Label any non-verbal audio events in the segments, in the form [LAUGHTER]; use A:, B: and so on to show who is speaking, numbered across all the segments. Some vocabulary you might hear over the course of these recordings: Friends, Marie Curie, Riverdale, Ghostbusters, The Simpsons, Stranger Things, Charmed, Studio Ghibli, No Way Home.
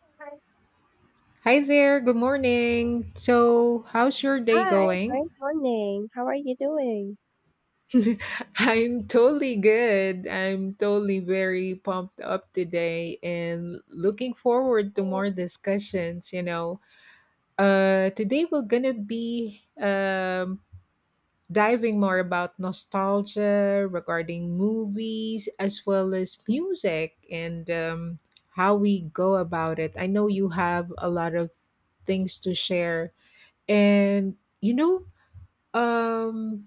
A: Hi,
B: Hi there, good morning. So, how's your day
A: hi,
B: going?
A: great morning. How are you doing?
B: [LAUGHS] I'm totally good. I'm totally very pumped up today and looking forward to more discussions, you know. Today we're going to be diving more about nostalgia regarding movies as well as music and how we go about it. I know you have a lot of things to share and you know Um,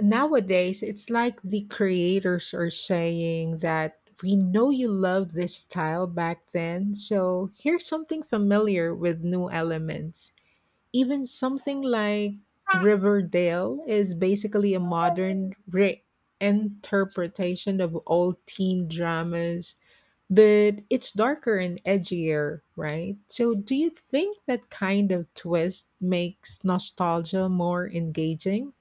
B: nowadays, it's like the creators are saying that we know you loved this style back then, so here's something familiar with new elements. Even something like Riverdale is basically a modern reinterpretation of old teen dramas, but it's darker and edgier, right? So, do you think that kind of twist makes nostalgia more engaging?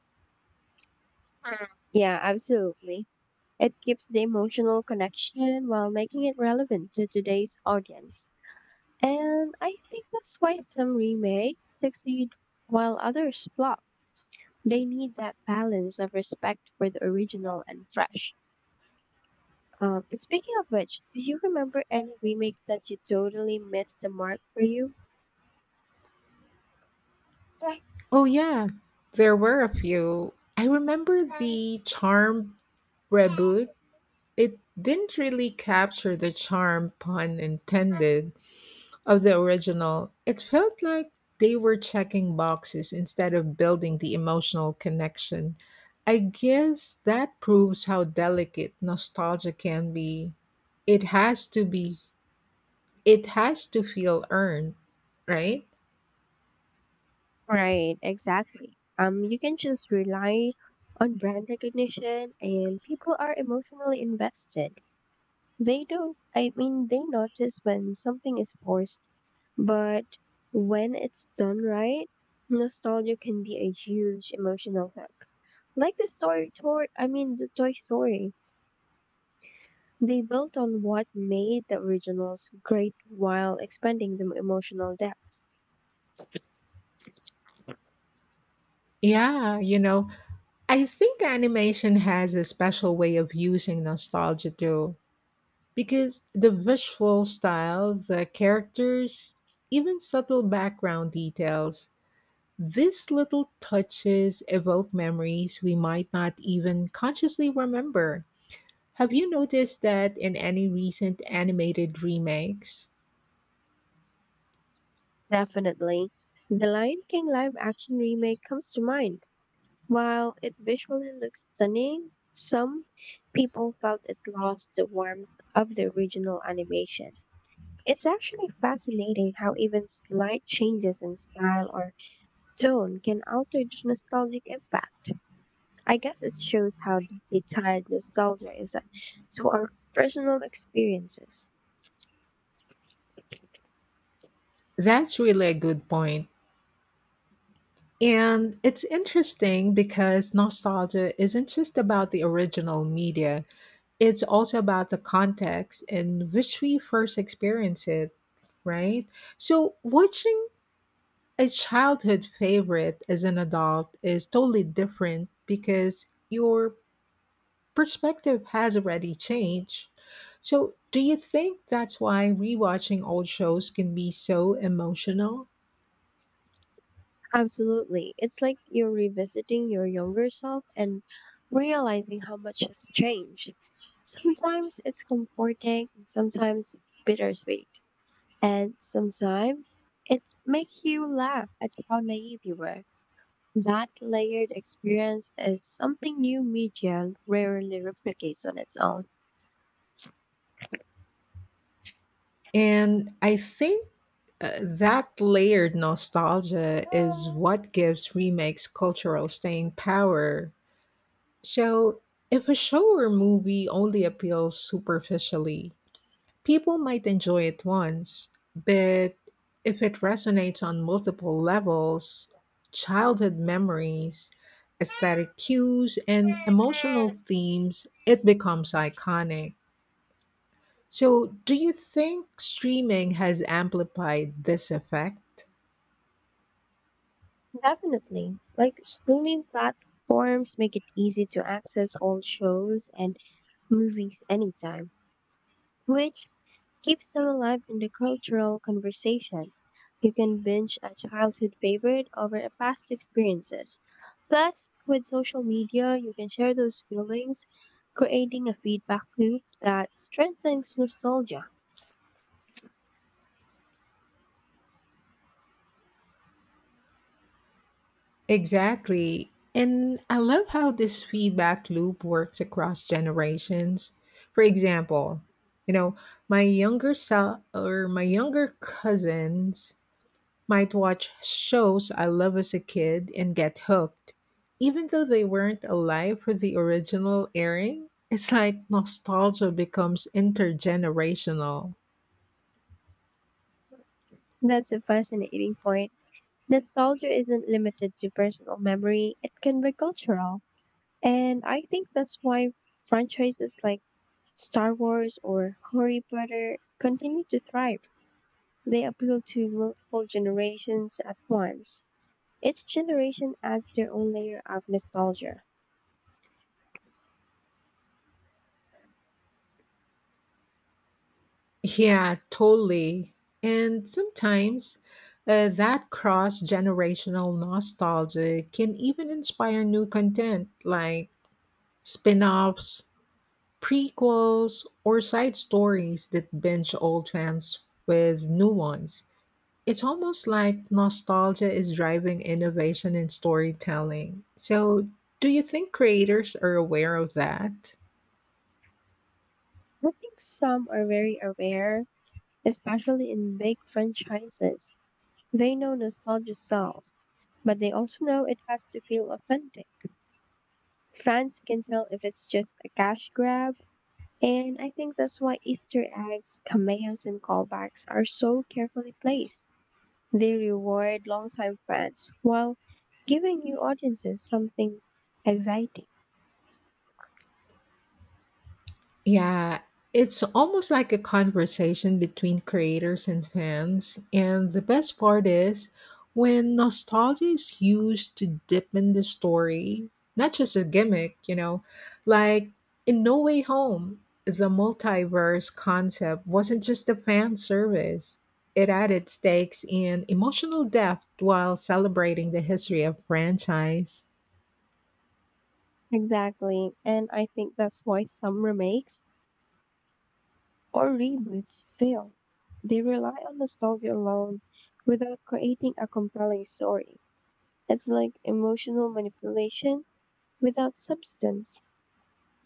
A: Yeah, absolutely. It keeps the emotional connection while making it relevant to today's audience. And I think that's why some remakes succeed while others flop. They need that balance of respect for the original and fresh. And speaking of which, do you remember any remakes that you totally missed the mark for you?
B: Oh yeah, there were a few. I remember the charm reboot. It didn't really capture the charm, pun intended, of the original. It felt like they were checking boxes instead of building the emotional connection. I guess that proves how delicate nostalgia can be. It has to be, it has to feel earned, right?
A: Right, exactly. You can just rely on brand recognition, and people are emotionally invested. They don't, I mean, They notice when something is forced, but when it's done right, nostalgia can be a huge emotional hook. Like the story toy, I mean, the Toy Story. They built on what made the originals great while expanding the emotional depth.
B: Yeah, you know, I think animation has a special way of using nostalgia too, because the visual style, the characters, even subtle background details, these little touches evoke memories we might not even consciously remember. Have you noticed that in any recent animated remakes?
A: Definitely. The Lion King live action remake comes to mind. While it visually looks stunning, some people felt it lost the warmth of the original animation. It's actually fascinating how even slight changes in style or tone can alter the nostalgic impact. I guess it shows how deeply tied nostalgia is to our personal experiences.
B: That's really a good point. And it's interesting because nostalgia isn't just about the original media, it's also about the context in which we first experience it, right? So, watching a childhood favorite as an adult is totally different because your perspective has already changed. So, do you think that's why rewatching old shows can be so emotional?
A: Absolutely. It's like you're revisiting your younger self and realizing how much has changed. Sometimes it's comforting, sometimes bittersweet, and sometimes it makes you laugh at how naive you were. That layered experience is something new media rarely replicates on its own.
B: And I think that layered nostalgia is what gives remakes cultural staying power. So, if a show or movie only appeals superficially, people might enjoy it once, but if it resonates on multiple levels, childhood memories, aesthetic cues, and emotional
A: [LAUGHS]
B: themes, it becomes iconic. So, do you think streaming has amplified this effect?
A: Definitely. Like streaming platforms make it easy to access all shows and movies anytime, which keeps them alive in the cultural conversation. You can binge a childhood favorite over a past experiences. Plus, with social media, you can share those feelings, creating a feedback loop that strengthens nostalgia.
B: Exactly. And I love how this feedback loop works across generations. For example, you know, my younger self or my younger cousins might watch shows I love as a kid and get hooked. Even though they weren't alive for the original airing, it's like nostalgia becomes intergenerational.
A: That's a fascinating point. Nostalgia isn't limited to personal memory, it can be cultural. And I think that's why franchises like Star Wars or Harry Potter continue to thrive. They appeal to multiple generations at once. Each generation adds their own layer of nostalgia.
B: Yeah, totally. And sometimes that cross generational nostalgia can even inspire new content like spin offs, prequels, or side stories that binge old fans with new ones. It's almost like nostalgia is driving innovation in storytelling. So, do you think creators are aware of that?
A: I think some are very aware, especially in big franchises. They know nostalgia sells, but they also know it has to feel authentic. Fans can tell if it's just a cash grab, and I think that's why Easter eggs, cameos, and callbacks are so carefully placed. They reward longtime fans while giving new audiences something exciting.
B: Yeah, it's almost like a conversation between creators and fans. And the best part is when nostalgia is used to deepen the story, not just a gimmick, you know, like in No Way Home, the multiverse concept wasn't just a fan service. It added stakes and emotional depth while celebrating the history of franchise.
A: Exactly, and I think that's why some remakes or reboots fail. They rely on nostalgia alone without creating a compelling story. It's like emotional manipulation without substance.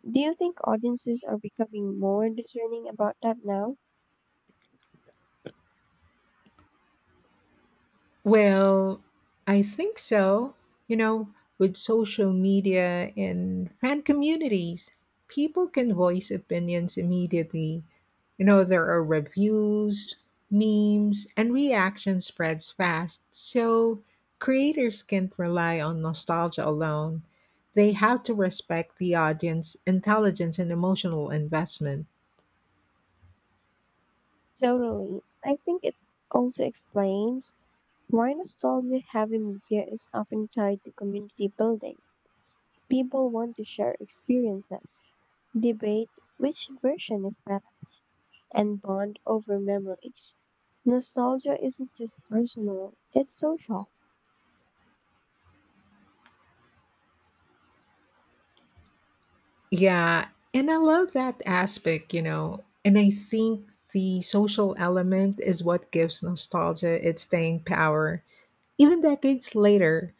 A: Do you think audiences are becoming more discerning about that now?
B: Well, I think so. You know, with social media and fan communities, people can voice opinions immediately. You know, there are reviews, memes, and reaction spreads fast. So creators can't rely on nostalgia alone. They have to respect the audience, intelligence, and emotional investment.
A: Totally. I think it also explains why nostalgia heavy media is often tied to community building. People want to share experiences, debate which version is better, and bond over memories. Nostalgia isn't just personal, it's social.
B: Yeah, and I love that aspect, you know. And I think the social element is what gives nostalgia its staying power. Even decades later,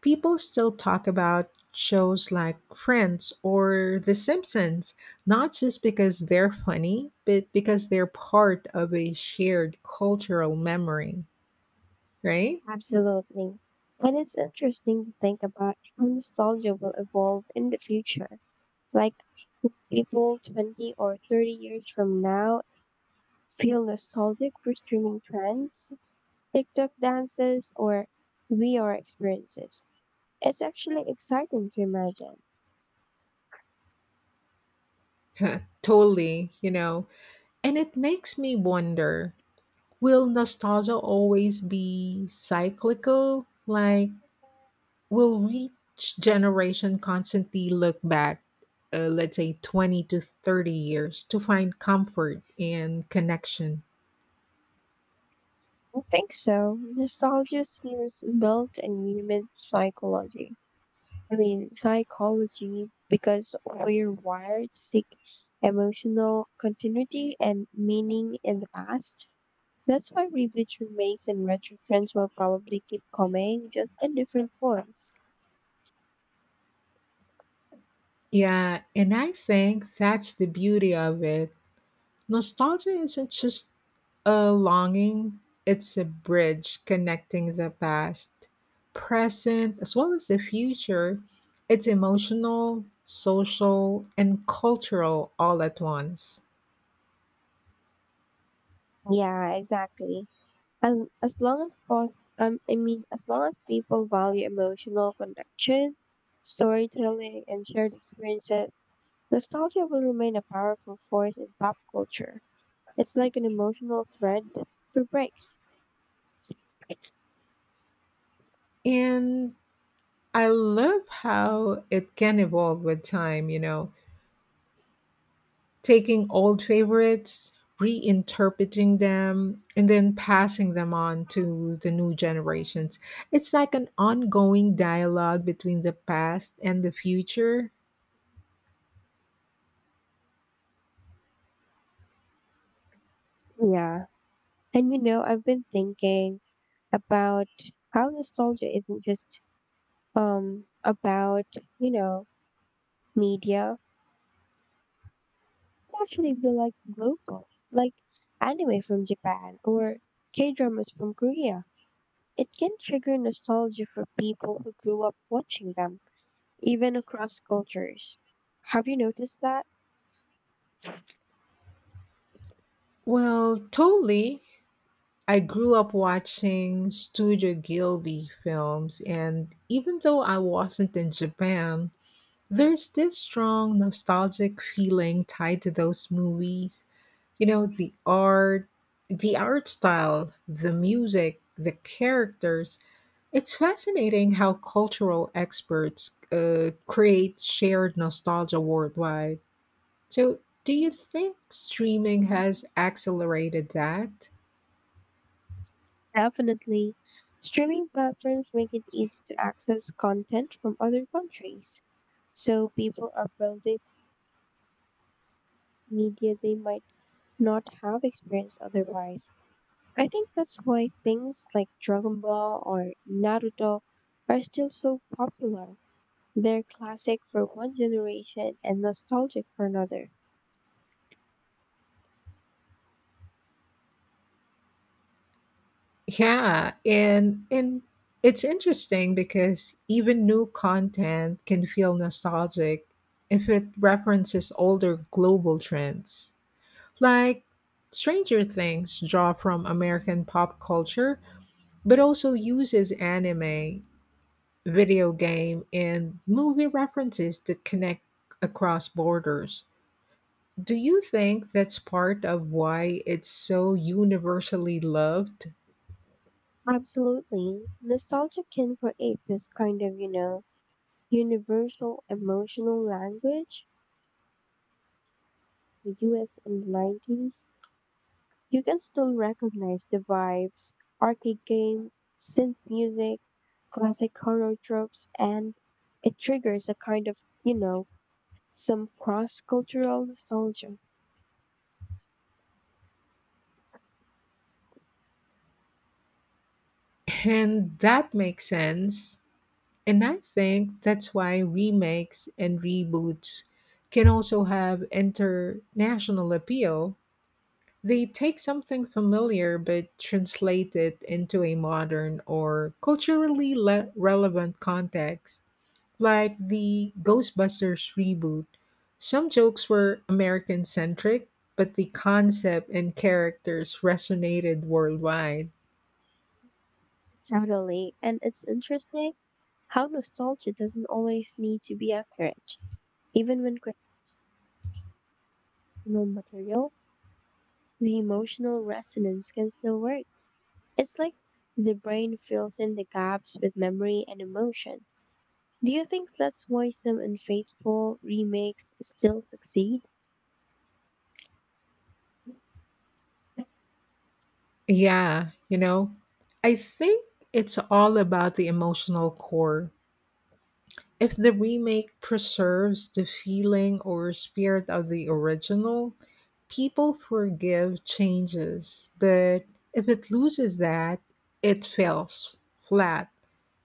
B: people still talk about shows like Friends or The Simpsons, not just because they're funny, but because they're part of a shared cultural memory, right?
A: Absolutely. And it's interesting to think about how nostalgia will evolve in the future. Like, if people 20 or 30 years from now feel nostalgic for streaming trends, TikTok dances or VR experiences. It's actually exciting to imagine.
B: [LAUGHS] Totally, you know. And it makes me wonder, will nostalgia always be cyclical? Like, will each generation constantly look back, let's say 20 to 30 years, to find comfort and connection?
A: I think so. Nostalgia seems built in human psychology, because we're wired to seek emotional continuity and meaning in the past. That's why reboots, remakes, and retro trends will probably keep coming, just in different forms.
B: Yeah, and I think that's the beauty of it. Nostalgia isn't just a longing, it's a bridge connecting the past, present, as well as the future. It's emotional, social, and cultural all at once.
A: Yeah, exactly. As, as long as pos- I mean, as long as people value emotional connection, storytelling, and shared experiences, nostalgia will remain a powerful force in pop culture. It's like an emotional thread through breaks.
B: And I love how it can evolve with time, you know, taking old favorites, reinterpreting them, and then passing them on to the new generations. It's like an ongoing dialogue between the past and the future.
A: Yeah. And you know, I've been thinking about how nostalgia isn't just about, you know, media. It actually be like global, like anime from Japan or K dramas from Korea. It can trigger nostalgia for people who grew up watching them, even across cultures. Have you noticed that?
B: Well, totally. I grew up watching Studio Gilby films, and even though I wasn't in Japan, there's this strong nostalgic feeling tied to those movies. You know, the art, style, the music, the characters. It's fascinating how cultural experts create shared nostalgia worldwide. So, do you think streaming has accelerated that?
A: Definitely. Streaming platforms make it easy to access content from other countries, so people are building media they might not have experienced otherwise. I think that's why things like Dragon Ball or Naruto are still so popular. They're classic for one generation and nostalgic for another.
B: Yeah, and it's interesting because even new content can feel nostalgic if it references older global trends. Like Stranger Things draw from American pop culture, but also uses anime, video game, and movie references that connect across borders. Do you think that's part of why it's so universally loved?
A: Absolutely. Nostalgia can create this kind of, you know, universal emotional language. The US in the 90s, you can still recognize the vibes, arcade games, synth music, classic horror tropes, and it triggers a kind of, you know, some cross cultural nostalgia.
B: And that makes sense. And I think that's why remakes and reboots can also have international appeal. They take something familiar but translate it into a modern or culturally relevant context, like the Ghostbusters reboot. Some jokes were American centric, but the concept and characters resonated worldwide.
A: Totally. And it's interesting how nostalgia doesn't always need to be accurate, even when creating new material. The emotional resonance can still work. It's like the brain fills in the gaps with memory and emotion. Do you think that's why some unfaithful remakes still succeed?
B: Yeah, you know, I think it's all about the emotional core. If the remake preserves the feeling or spirit of the original, people forgive changes, but if it loses that, it falls flat.